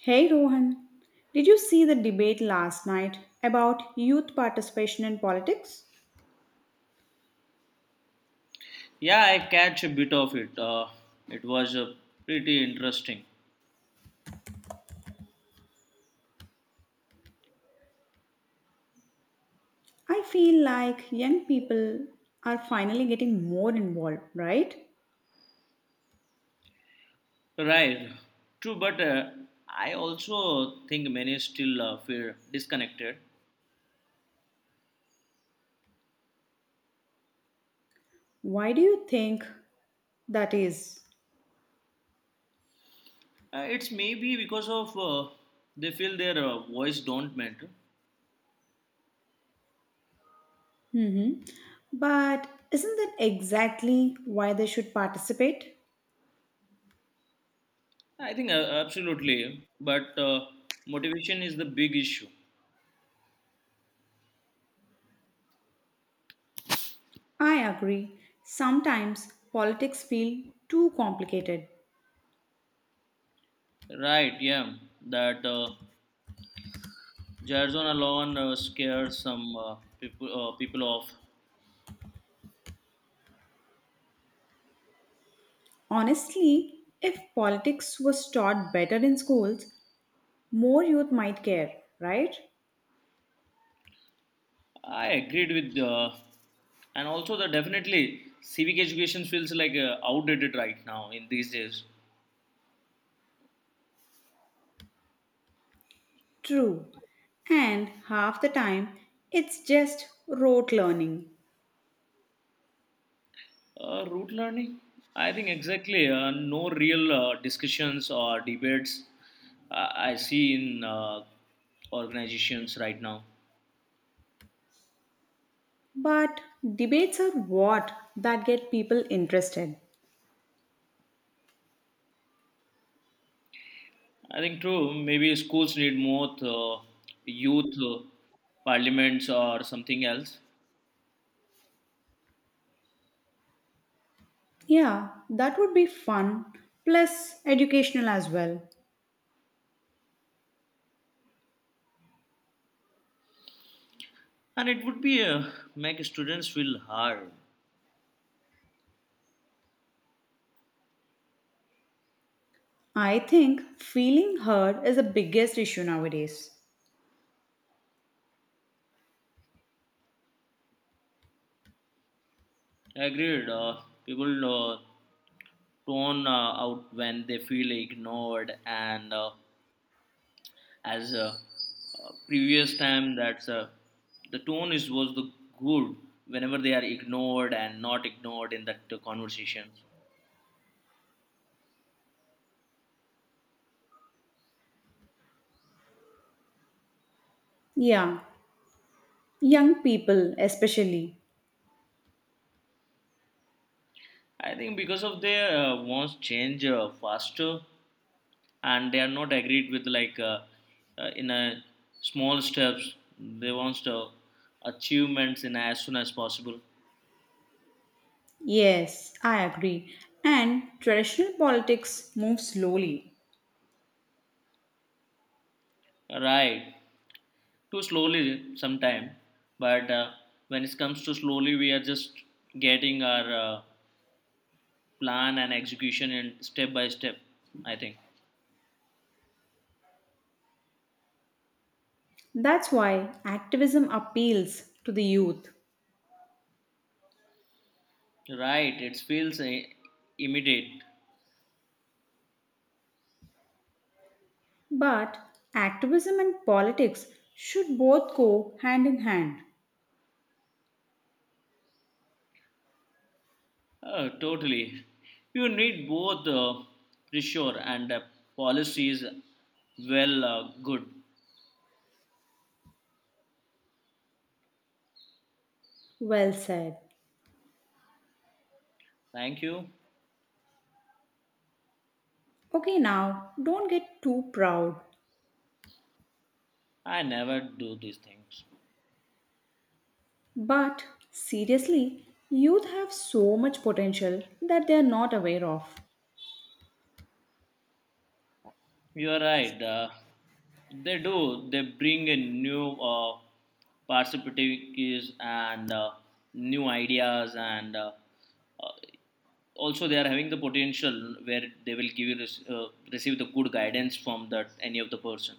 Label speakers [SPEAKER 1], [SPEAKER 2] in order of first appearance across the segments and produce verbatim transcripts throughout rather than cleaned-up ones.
[SPEAKER 1] Hey Rohan, did you see the debate last night about youth participation in politics?
[SPEAKER 2] Yeah, I catch a bit of it. Uh, it was uh, pretty interesting.
[SPEAKER 1] I feel like young people are finally getting more involved, right?
[SPEAKER 2] Right. True, but uh, I also think many still uh, feel disconnected.
[SPEAKER 1] Why do you think that is?
[SPEAKER 2] Uh, it's maybe because of uh, they feel their uh, voice don't matter.
[SPEAKER 1] Mm-hmm. But isn't that exactly why they should participate?
[SPEAKER 2] I think uh, absolutely, but uh, motivation is the big issue.
[SPEAKER 1] I agree. Sometimes politics feel too complicated.
[SPEAKER 2] Right? Yeah, that uh, Jarzon alone uh, scares some uh, people uh, people off.
[SPEAKER 1] Honestly, if politics was taught better in schools, more youth might care, right?
[SPEAKER 2] I agreed with, uh, and also the definitely civic education feels like uh, outdated right now in these days.
[SPEAKER 1] True. And half the time, it's just rote learning.
[SPEAKER 2] Uh, root learning, I think exactly. Uh, no real uh, discussions or debates uh, I see in uh, organizations right now.
[SPEAKER 1] But debates are what that get people interested.
[SPEAKER 2] I think true. Maybe schools need more uh, youth uh, parliaments or something else,
[SPEAKER 1] Yeah, that would be fun, plus educational as well.
[SPEAKER 2] and it would be uh, make students feel hard.
[SPEAKER 1] I think feeling heard is the biggest issue nowadays.
[SPEAKER 2] Agreed. Uh, people uh, torn uh, out when they feel ignored, and uh, as uh, uh, previous time that's uh, the tone is was the good whenever they are ignored and not ignored in that uh, conversations.
[SPEAKER 1] Yeah, young people especially.
[SPEAKER 2] I think because of their uh, wants change uh, faster, and they are not agreed with like uh, uh, in a small steps. They wants the achievements in as soon as possible.
[SPEAKER 1] Yes, I agree. And traditional politics move slowly.
[SPEAKER 2] Right, too slowly sometime. But uh, when it comes to slowly, we are just getting our uh, plan and execution in step by step, I think.
[SPEAKER 1] That's why activism appeals to the youth.
[SPEAKER 2] Right, it feels uh, immediate.
[SPEAKER 1] But activism and politics should both go hand in hand.
[SPEAKER 2] Oh, totally. You need both uh, pressure and uh, policies. Well, uh, good.
[SPEAKER 1] Well said.
[SPEAKER 2] Thank you.
[SPEAKER 1] Okay, now don't get too proud.
[SPEAKER 2] I never do these things.
[SPEAKER 1] But seriously, youth have so much potential that they are not aware of.
[SPEAKER 2] You're right. Uh, they do. They bring in new uh, perspectives and uh, new ideas, and uh, uh, also they are having the potential where they will give you res- uh, receive the good guidance from that any of the person.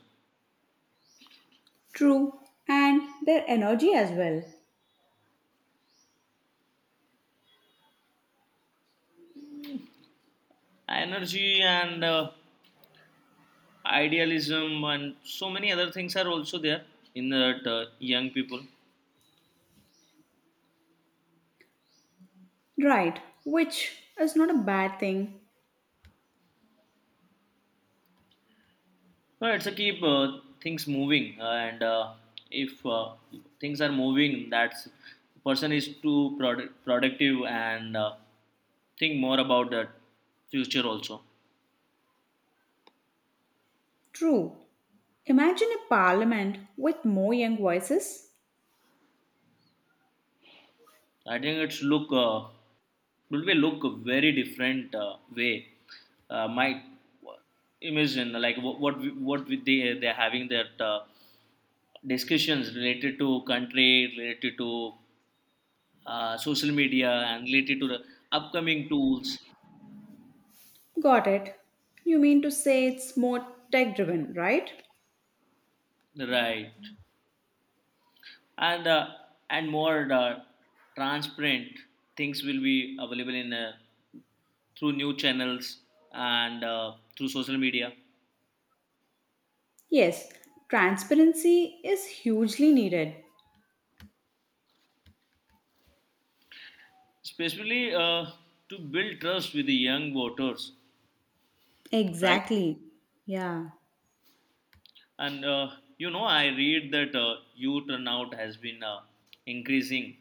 [SPEAKER 1] True, and their energy as well.
[SPEAKER 2] Energy and uh, idealism and so many other things are also there in that uh, young people.
[SPEAKER 1] Right, which is not a bad thing.
[SPEAKER 2] No, it's to keep uh, things moving, uh, and uh, if uh, things are moving, that's person is too product, productive, and uh, think more about the future also.
[SPEAKER 1] True. Imagine a parliament with more young voices.
[SPEAKER 2] I think it's look uh, it will be look a very different uh, way. Uh, my imagine like what what, we- what we- they they're having that uh, discussions related to country, related to uh, social media, and related to the upcoming tools.
[SPEAKER 1] Got it. You mean to say it's more tech driven, right?
[SPEAKER 2] Right. And uh, and more uh, transparent things will be available in uh, through new channels, and uh, through social media,
[SPEAKER 1] Yes, transparency is hugely needed.
[SPEAKER 2] especially uh, to build trust with the young voters, right?
[SPEAKER 1] Exactly. Yeah,
[SPEAKER 2] And uh, you know, I read that uh, youth turnout has been uh, increasing,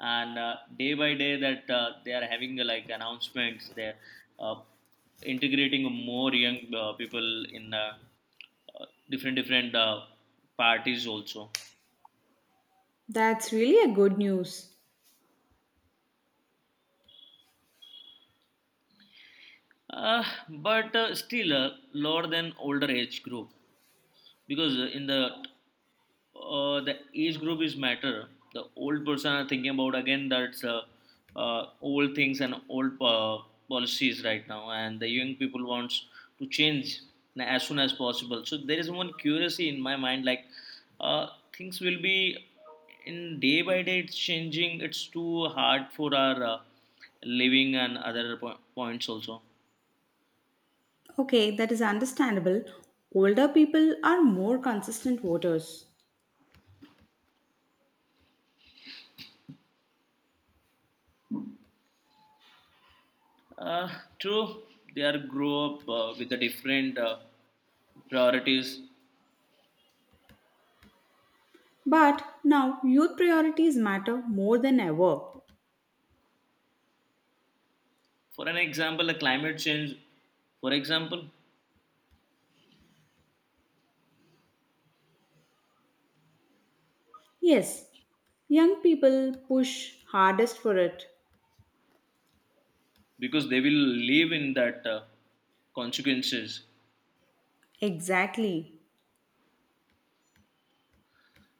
[SPEAKER 2] and uh, day by day that uh, they are having uh, like announcements. They're uh, integrating more young uh, people in uh, uh, different different uh, parties also.
[SPEAKER 1] that's really a good news.
[SPEAKER 2] Uh, but uh, still, uh, lower than older age group, because uh, in the Uh, the age group is matter. The old person are thinking about again that's uh, uh, old things and old uh, policies right now, and the young people wants to change as soon as possible. So there is one curiosity in my mind, like uh, things will be in day by day it's changing. It's too hard for our uh, living and other po- points also.
[SPEAKER 1] Okay, that is understandable. Older people are more consistent voters.
[SPEAKER 2] Uh, True, they are grow up uh, with the different uh, priorities.
[SPEAKER 1] But now youth priorities matter more than ever.
[SPEAKER 2] For an example, a climate change, for example.
[SPEAKER 1] Yes, young people push hardest for it.
[SPEAKER 2] Because they will live in that uh, consequences.
[SPEAKER 1] Exactly.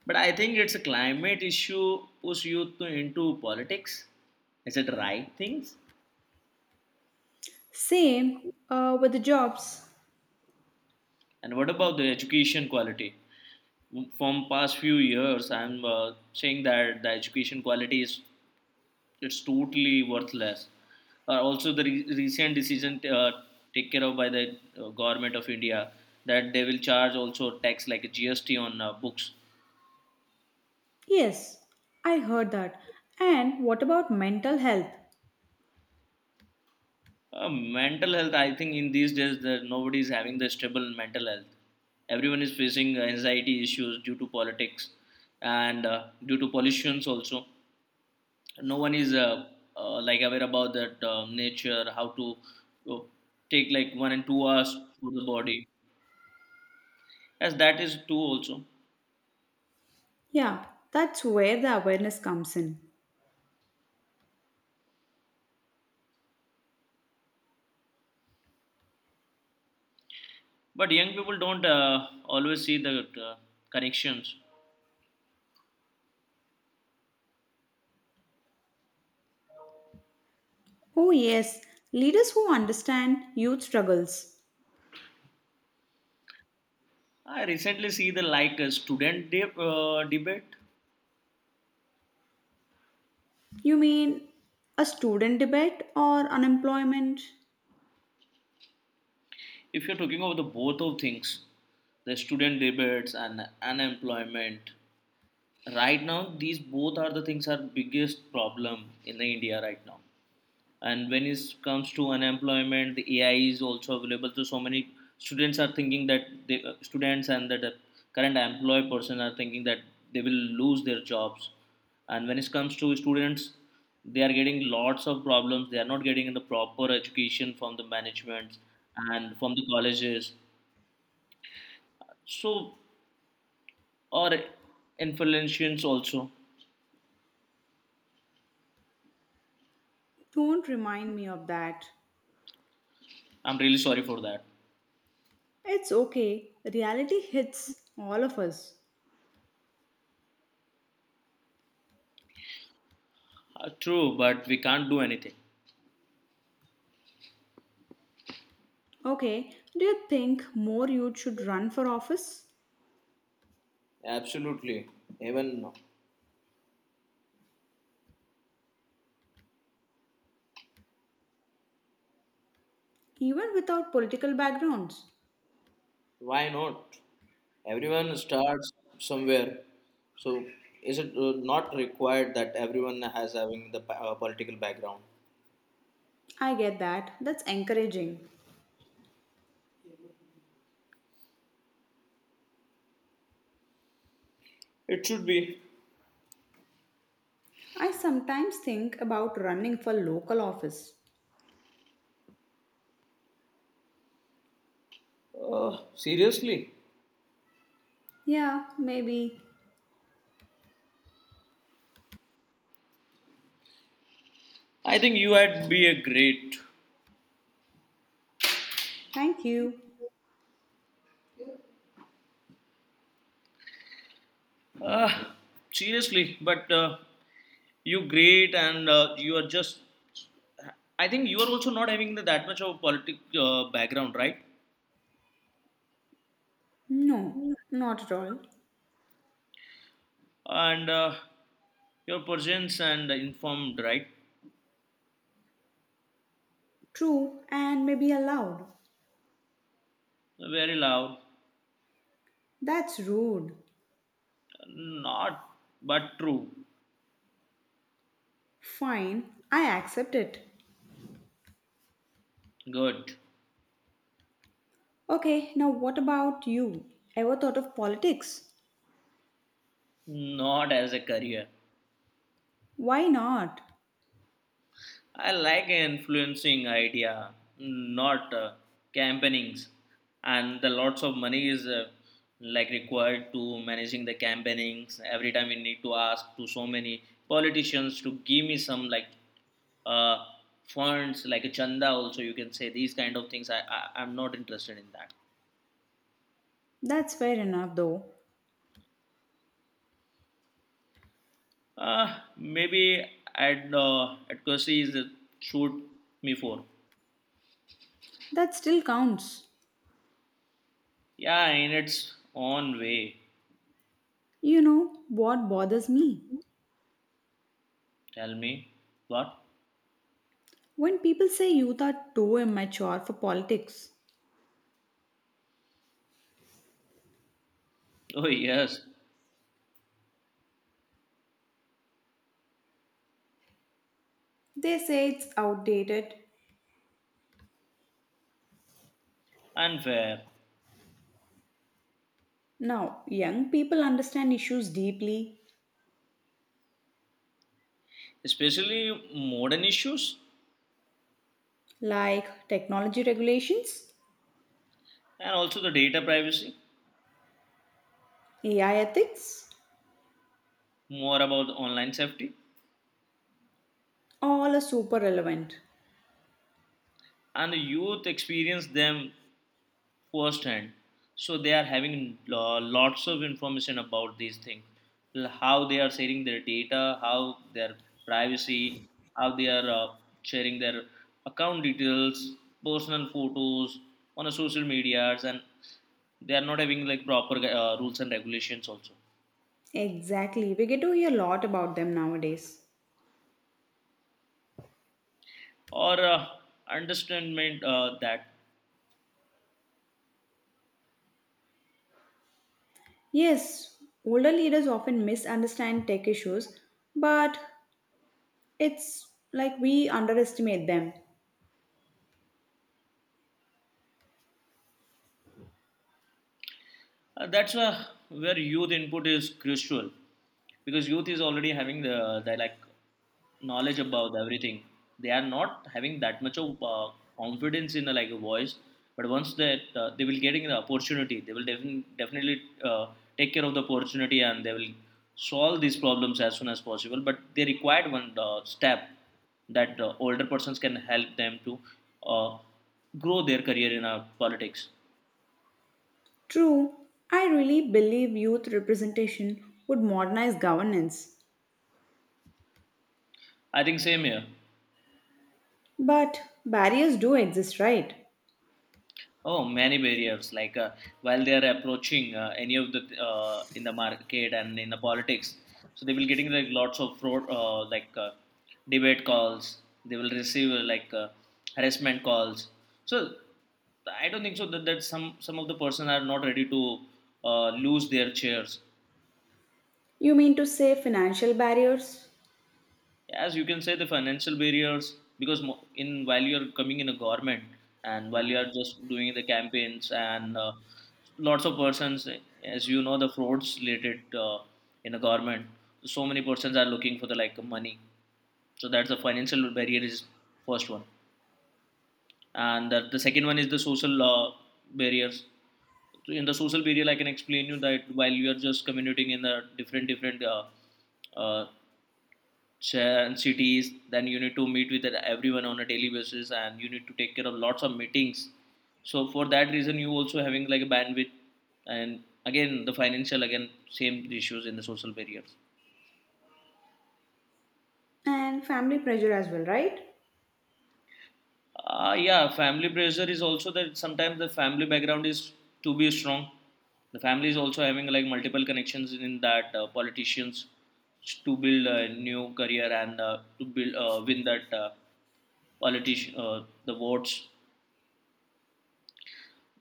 [SPEAKER 2] But I think it's a climate issue push youth to- into politics. Is it right things?
[SPEAKER 1] Same uh, with the jobs.
[SPEAKER 2] And what about the education quality? From past few years, I'm uh, saying that the education quality is it's totally worthless. Uh, also, the re- recent decision uh, take care of by the uh, government of India, that they will charge also tax like a G S T on uh, books.
[SPEAKER 1] Yes, I heard that. And what about mental health?
[SPEAKER 2] Uh, mental health, I think, in these days, that nobody is having the stable mental health. Everyone is facing uh, anxiety issues due to politics, and uh, due to pollutions also. No one is uh, uh, like aware about that uh, nature, how to uh, take like one and two hours for the body, as that is too also.
[SPEAKER 1] Yeah, that's where the awareness comes in.
[SPEAKER 2] But young people don't uh, always see the uh, connections.
[SPEAKER 1] Oh, yes, leaders who understand youth struggles.
[SPEAKER 2] I recently see the like uh, student de- uh, debate.
[SPEAKER 1] You mean a student debate or unemployment?
[SPEAKER 2] If you're talking about the both of things, the student debates and unemployment. Right now, these both are the things are biggest problem in the India right now. And when it comes to unemployment, the A I is also available, so so many students are thinking that the uh, students, and that the current employed person are thinking that they will lose their jobs. And when it comes to students, they are getting lots of problems. They are not getting the proper education from the management and from the colleges, so, or influentials also.
[SPEAKER 1] Don't remind me of that.
[SPEAKER 2] I'm really sorry for that.
[SPEAKER 1] It's okay, reality hits all of us.
[SPEAKER 2] Uh, true, but we can't do anything.
[SPEAKER 1] Okay, do you think more youth should run for office?
[SPEAKER 2] Absolutely. Even
[SPEAKER 1] Even without political backgrounds?
[SPEAKER 2] why not? Everyone starts somewhere. So is it uh, not required that everyone has having the pa- uh, political background?
[SPEAKER 1] I get that, that's encouraging.
[SPEAKER 2] It should be.
[SPEAKER 1] I sometimes think about running for local office.
[SPEAKER 2] uh, Seriously,
[SPEAKER 1] Yeah, maybe.
[SPEAKER 2] I think you had be a great.
[SPEAKER 1] Thank you.
[SPEAKER 2] Uh, Seriously, but uh, you great and uh, you are just. I think you are also not having the, that much of a politic uh, background, right?
[SPEAKER 1] No, not at all.
[SPEAKER 2] And uh, your presence and informed, right?
[SPEAKER 1] True, and maybe allowed.
[SPEAKER 2] Very loud.
[SPEAKER 1] That's rude.
[SPEAKER 2] Not, but true.
[SPEAKER 1] Fine, I accept it.
[SPEAKER 2] Good.
[SPEAKER 1] Okay, now what about you? Ever thought of politics?
[SPEAKER 2] Not as a career.
[SPEAKER 1] Why not?
[SPEAKER 2] I like influencing idea, not uh, campaignings. And the lots of money is uh, like required to managing the campaignings. Every time we need to ask to so many politicians to give me some like uh, funds, like a chanda. Also, you can say these kind of things. I, I I'm not interested in that.
[SPEAKER 1] That's fair enough, though.
[SPEAKER 2] Uh, maybe I'd uh, at is shoot me for.
[SPEAKER 1] That still counts.
[SPEAKER 2] Yeah, in its own way.
[SPEAKER 1] You know what bothers me?
[SPEAKER 2] Tell me. What?
[SPEAKER 1] When people say youth are too immature for politics,
[SPEAKER 2] Oh, yes.
[SPEAKER 1] they say it's outdated.
[SPEAKER 2] Unfair.
[SPEAKER 1] Now, young people understand issues deeply,
[SPEAKER 2] Especially modern issues,
[SPEAKER 1] like technology regulations,
[SPEAKER 2] and also the data privacy,
[SPEAKER 1] A I ethics,
[SPEAKER 2] more about online safety.
[SPEAKER 1] all are super relevant.
[SPEAKER 2] And the youth experience them first hand, so they are having uh, lots of information about these things, l- how they are sharing their data, how their privacy, how they are uh, sharing their account details, personal photos on the social medias, and they are not having like proper uh, rules and regulations also.
[SPEAKER 1] Exactly, we get to hear a lot about them nowadays.
[SPEAKER 2] Or uh, understandment uh, that.
[SPEAKER 1] Yes, older leaders often misunderstand tech issues, but it's like we underestimate them.
[SPEAKER 2] Uh, that's uh, where youth input is crucial, because youth is already having the, the like knowledge about everything. They are not having that much of uh, confidence in the, like a voice, but once that uh, they will getting the opportunity, they will defin- definitely uh, take care of the opportunity, and they will solve these problems as soon as possible. But they required one uh, step that uh, older persons can help them to uh, grow their career in uh, politics.
[SPEAKER 1] True, I really believe youth representation would modernize governance.
[SPEAKER 2] I think same here.
[SPEAKER 1] But barriers do exist, right?
[SPEAKER 2] Oh, many barriers. Like uh, while they are approaching uh, any of the uh, in the market and in the politics, so they will getting like lots of fraud, uh, like uh, debate calls. They will receive uh, like uh, harassment calls. So I don't think so that, that some some of the person are not ready to uh, lose their chairs.
[SPEAKER 1] You mean to say financial barriers?
[SPEAKER 2] As you can say, the financial barriers, because mo- in while you're coming in a government, and while you are just doing the campaigns, and uh, lots of persons, as you know, the frauds related uh, in a government, so many persons are looking for the like money, so that's the financial barrier is first one. And the, the second one is the social uh, barriers. So in the social barrier, I can explain you that while you are just commuting in the different different uh, uh, share and cities, then you need to meet with everyone on a daily basis, and you need to take care of lots of meetings. So for that reason, you also having like a bandwidth, and again the financial again same issues in the social barriers.
[SPEAKER 1] And family pressure as well, right?
[SPEAKER 2] Uh, yeah, family pressure is also that sometimes the family background is to be strong. The family is also having like multiple connections in that uh, politicians to build a new career, and uh, to build uh, win that uh, politician uh, the votes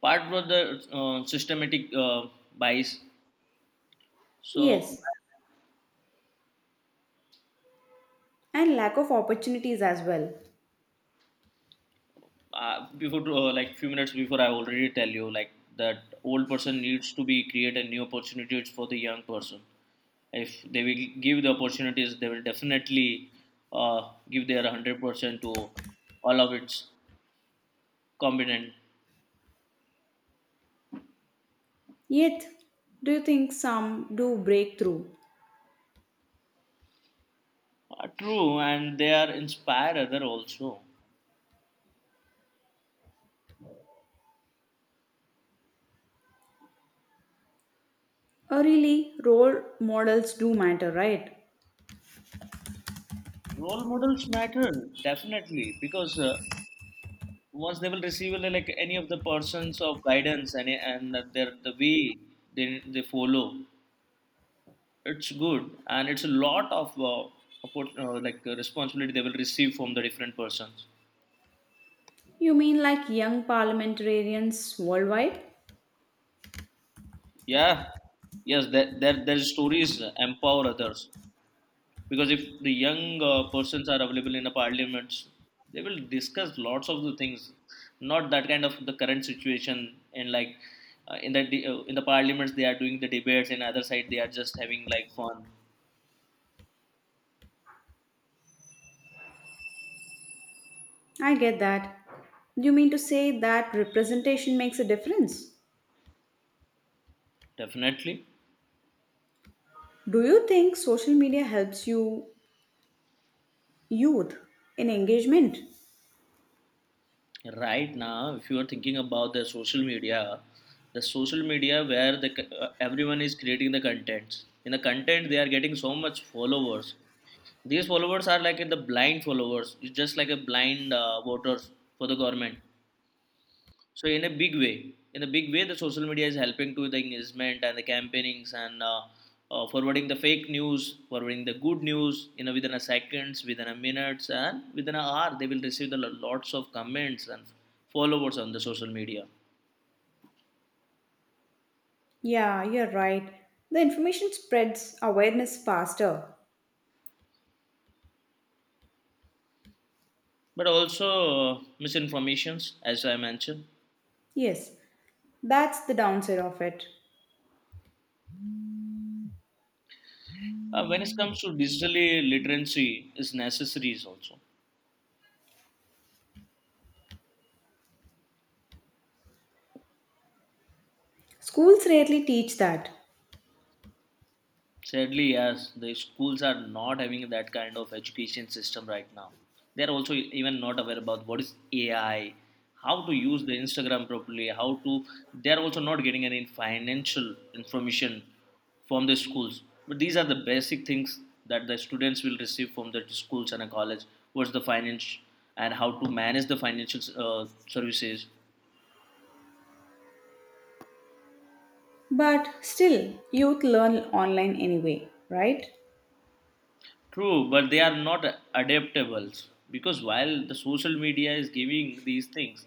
[SPEAKER 2] part was the uh, systematic uh, bias, so.
[SPEAKER 1] Yes, and lack of opportunities as well.
[SPEAKER 2] Uh, before to, uh, like few minutes before, I already tell you like that old person needs to be create a new opportunities for the young person. If they will give the opportunities, they will definitely uh, give their one hundred percent to all of its competent.
[SPEAKER 1] Yet, do you think some do break through?
[SPEAKER 2] Uh, true, and they are inspire other also.
[SPEAKER 1] Or really, role models do matter, right?
[SPEAKER 2] Role models matter definitely, because uh, once they will receive uh, like any of the persons of guidance, and and their the way they they follow, it's good, and it's a lot of uh, oppor- uh, like uh, responsibility they will receive from the different persons.
[SPEAKER 1] You mean like young parliamentarians worldwide?
[SPEAKER 2] Yeah, yes, that there, there their stories empower others, because if the young uh, persons are available in the parliaments, they will discuss lots of the things, not that kind of the current situation, and like uh, in the de- uh, In the parliaments they are doing the debates, and other side they are just having like fun.
[SPEAKER 1] I get that. You mean to say that representation makes a difference?
[SPEAKER 2] Definitely.
[SPEAKER 1] Do you think social media helps you, youth, in engagement?
[SPEAKER 2] Right now, if you are thinking about the social media, the social media where the c- uh, everyone is creating the contents, in the content they are getting so much followers. These followers are like the blind followers, it's just like a blind uh, voters for the government. So in a big way, in a big way, the social media is helping to the engagement and the campaignings and uh, uh, forwarding the fake news, forwarding the good news. You know, within a seconds, within a minutes, and within an hour, they will receive the lo- lots of comments and followers on the social media.
[SPEAKER 1] Yeah, you're right. The information spreads awareness faster.
[SPEAKER 2] But also uh, misinformations, as I mentioned.
[SPEAKER 1] Yes, that's the downside of it.
[SPEAKER 2] Uh, when it comes to digitally literacy, is necessary also.
[SPEAKER 1] Schools rarely teach that.
[SPEAKER 2] Sadly, yes, the schools are not having that kind of education system right now. They are also even not aware about what is A I, how to use the Instagram properly, how to. They are also not getting any financial information from the schools. But these are the basic things that the students will receive from the schools and a college. What's the finance and how to manage the financial uh, services?
[SPEAKER 1] But still, youth learn online anyway, right?
[SPEAKER 2] True, but they are not adaptable because while the social media is giving these things,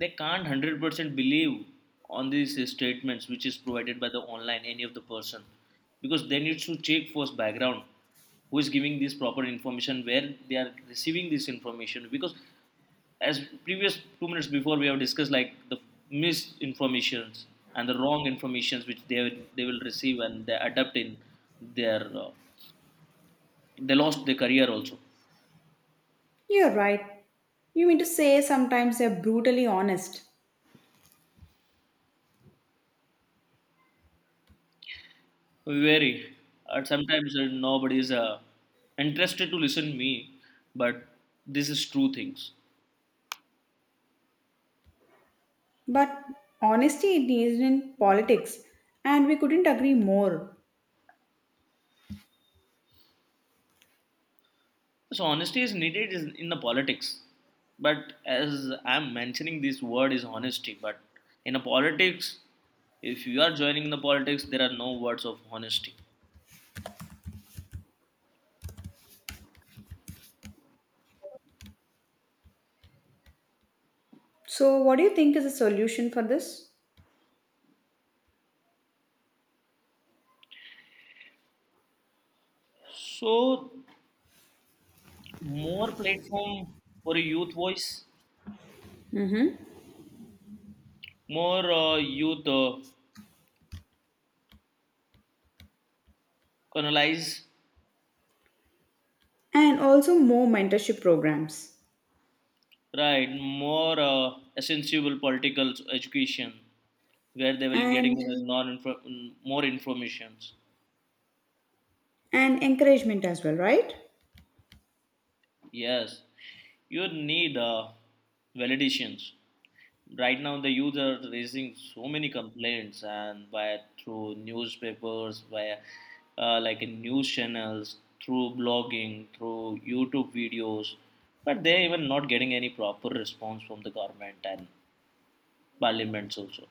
[SPEAKER 2] they can't one hundred percent believe on these uh, statements which is provided by the online any of the person, because they need to check first background who is giving this proper information, where they are receiving this information, because as previous two minutes before we have discussed like the misinformations and the wrong informations which they they will receive and they adapt in their uh, they lost their career also.
[SPEAKER 1] You're right. You mean to say sometimes they're brutally honest.
[SPEAKER 2] Very. And sometimes uh, nobody is uh, interested to listen me, but this is true things.
[SPEAKER 1] But honesty is in politics, and we couldn't agree more.
[SPEAKER 2] So honesty is needed is in the politics. But as I'm mentioning, this word is honesty. But in a politics, if you are joining the politics, there are no words of honesty.
[SPEAKER 1] So, what do you think is the solution for this?
[SPEAKER 2] So more platform for a youth voice,
[SPEAKER 1] Mm-hmm.
[SPEAKER 2] more uh, youth uh, canalize.
[SPEAKER 1] And also more mentorship programs
[SPEAKER 2] Right, more uh, essential political education where they will getting
[SPEAKER 1] and
[SPEAKER 2] the non more informations.
[SPEAKER 1] and encouragement as well, right?
[SPEAKER 2] Yes, you need uh, validations. Right now, the youth are raising so many complaints, and by through newspapers, by uh, like in news channels, through blogging, through YouTube videos, but they even not getting any proper response from the government and parliaments also.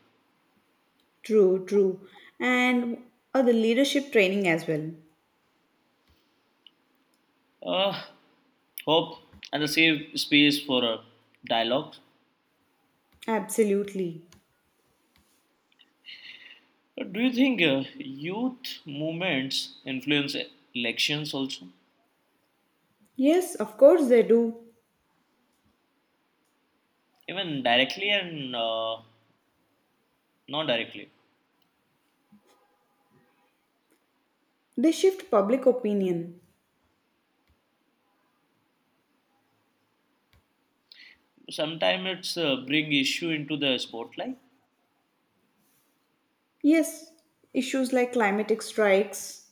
[SPEAKER 1] True, true. And uh, the leadership training as well.
[SPEAKER 2] Uh, Hope and the safe space for uh, dialogue.
[SPEAKER 1] Absolutely.
[SPEAKER 2] Uh, Do you think uh, youth movements influence elections also,
[SPEAKER 1] Yes, of course they do.
[SPEAKER 2] even directly and uh, not directly?
[SPEAKER 1] They shift public opinion.
[SPEAKER 2] Sometimes it's uh, bring issue into the spotlight.
[SPEAKER 1] Yes, issues like climatic strikes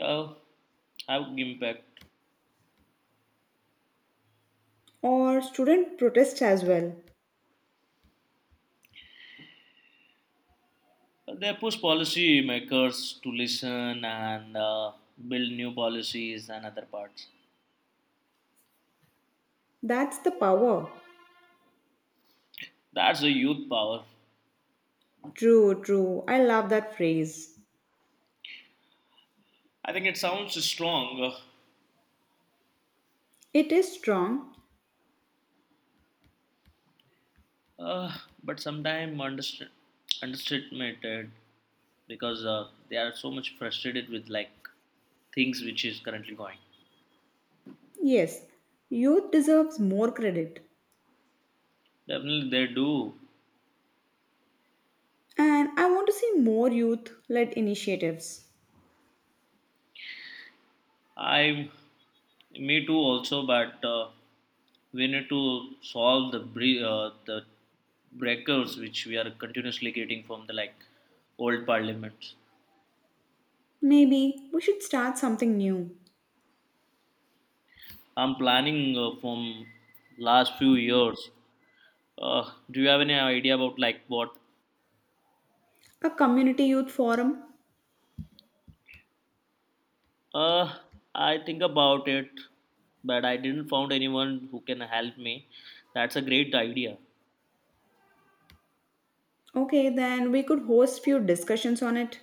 [SPEAKER 2] Uh, have impact.
[SPEAKER 1] or student protests as well.
[SPEAKER 2] Uh, They push policy makers to listen and uh, build new policies and other parts.
[SPEAKER 1] That's the power.
[SPEAKER 2] That's the youth power.
[SPEAKER 1] True, true. I love that phrase.
[SPEAKER 2] I think it sounds strong, uh,
[SPEAKER 1] It is strong.
[SPEAKER 2] Uh, but sometimes underst- underestimated because uh, they are so much frustrated with like things which is currently going.
[SPEAKER 1] Yes, youth deserves more credit.
[SPEAKER 2] Definitely they do.
[SPEAKER 1] And I want to see more youth led initiatives.
[SPEAKER 2] I, me too also. But uh, we need to solve the bre- uh, the breakers which we are continuously getting from the like old parliaments.
[SPEAKER 1] Maybe we should start something new.
[SPEAKER 2] I'm planning uh, from last few years. Uh, do you have any idea about like what
[SPEAKER 1] A community youth forum?
[SPEAKER 2] Uh, I think about it, but I didn't found anyone who can help me. That's a great idea.
[SPEAKER 1] Okay, then we could host few discussions on it.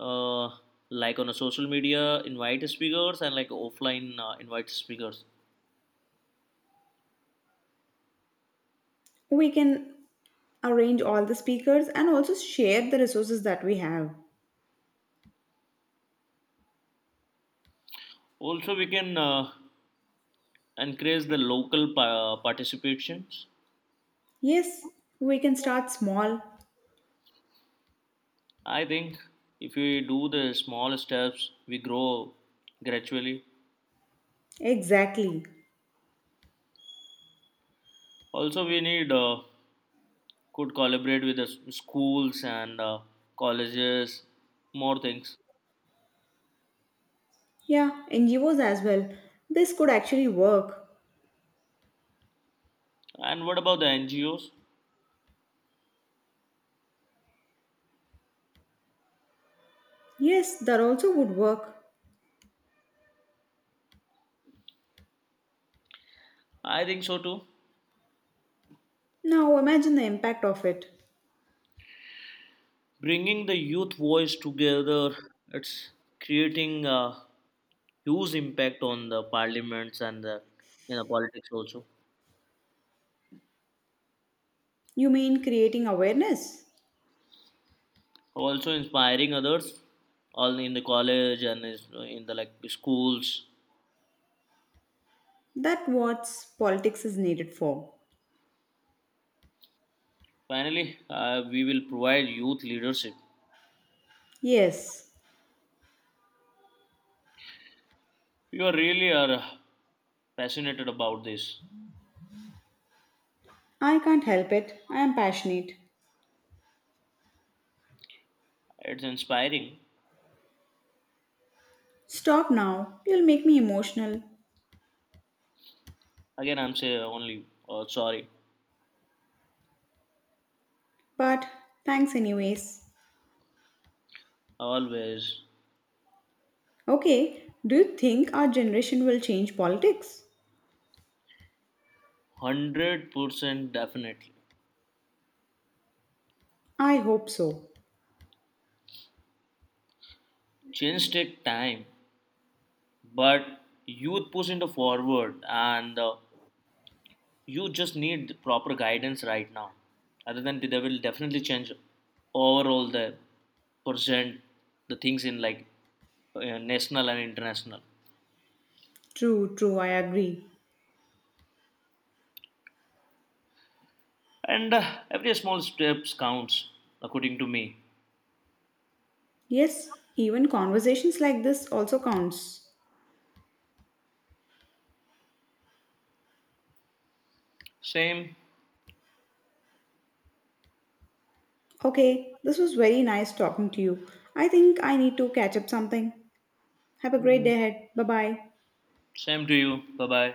[SPEAKER 2] Uh, like on a social media, invite speakers and like offline uh, invite speakers.
[SPEAKER 1] We can arrange all the speakers and also share the resources that we have.
[SPEAKER 2] Also, we can uh, encourage the local pa- participations.
[SPEAKER 1] Yes, we can start small.
[SPEAKER 2] I think if we do the small steps, we grow gradually.
[SPEAKER 1] Exactly.
[SPEAKER 2] Also, we need uh, could collaborate with the s- schools and uh, colleges, more things.
[SPEAKER 1] Yeah, N G Os as well. This could actually work.
[SPEAKER 2] And what about the N G Os?
[SPEAKER 1] Yes, that also would work.
[SPEAKER 2] I think so too.
[SPEAKER 1] Now imagine the impact of it.
[SPEAKER 2] Bringing the youth voice together, it's creating a huge impact on the parliaments and the you know politics also.
[SPEAKER 1] You mean creating awareness?
[SPEAKER 2] Also inspiring others, all in the college and is- in the like schools.
[SPEAKER 1] That what politics is needed for.
[SPEAKER 2] Finally, uh, we will provide youth leadership.
[SPEAKER 1] Yes,
[SPEAKER 2] You are really are passionate about this.
[SPEAKER 1] I can't help it. I am passionate.
[SPEAKER 2] It's inspiring.
[SPEAKER 1] Stop now. You'll make me emotional.
[SPEAKER 2] Again, I'm say only uh, sorry.
[SPEAKER 1] But thanks anyways.
[SPEAKER 2] Always.
[SPEAKER 1] Okay, do you think our generation will change politics?
[SPEAKER 2] one hundred percent definitely.
[SPEAKER 1] I hope so.
[SPEAKER 2] Change take time, but youth push into forward and uh, you just need proper guidance right now. Other than that, they will definitely change overall the percent, the things in like uh, national and international.
[SPEAKER 1] True, true, I agree.
[SPEAKER 2] And uh, every small steps counts according to me.
[SPEAKER 1] Yes, even conversations like this also counts.
[SPEAKER 2] Same,
[SPEAKER 1] Okay, this was very nice talking to you. I think I need to catch up something. Have a great day ahead. Bye bye.
[SPEAKER 2] same to you. Bye bye.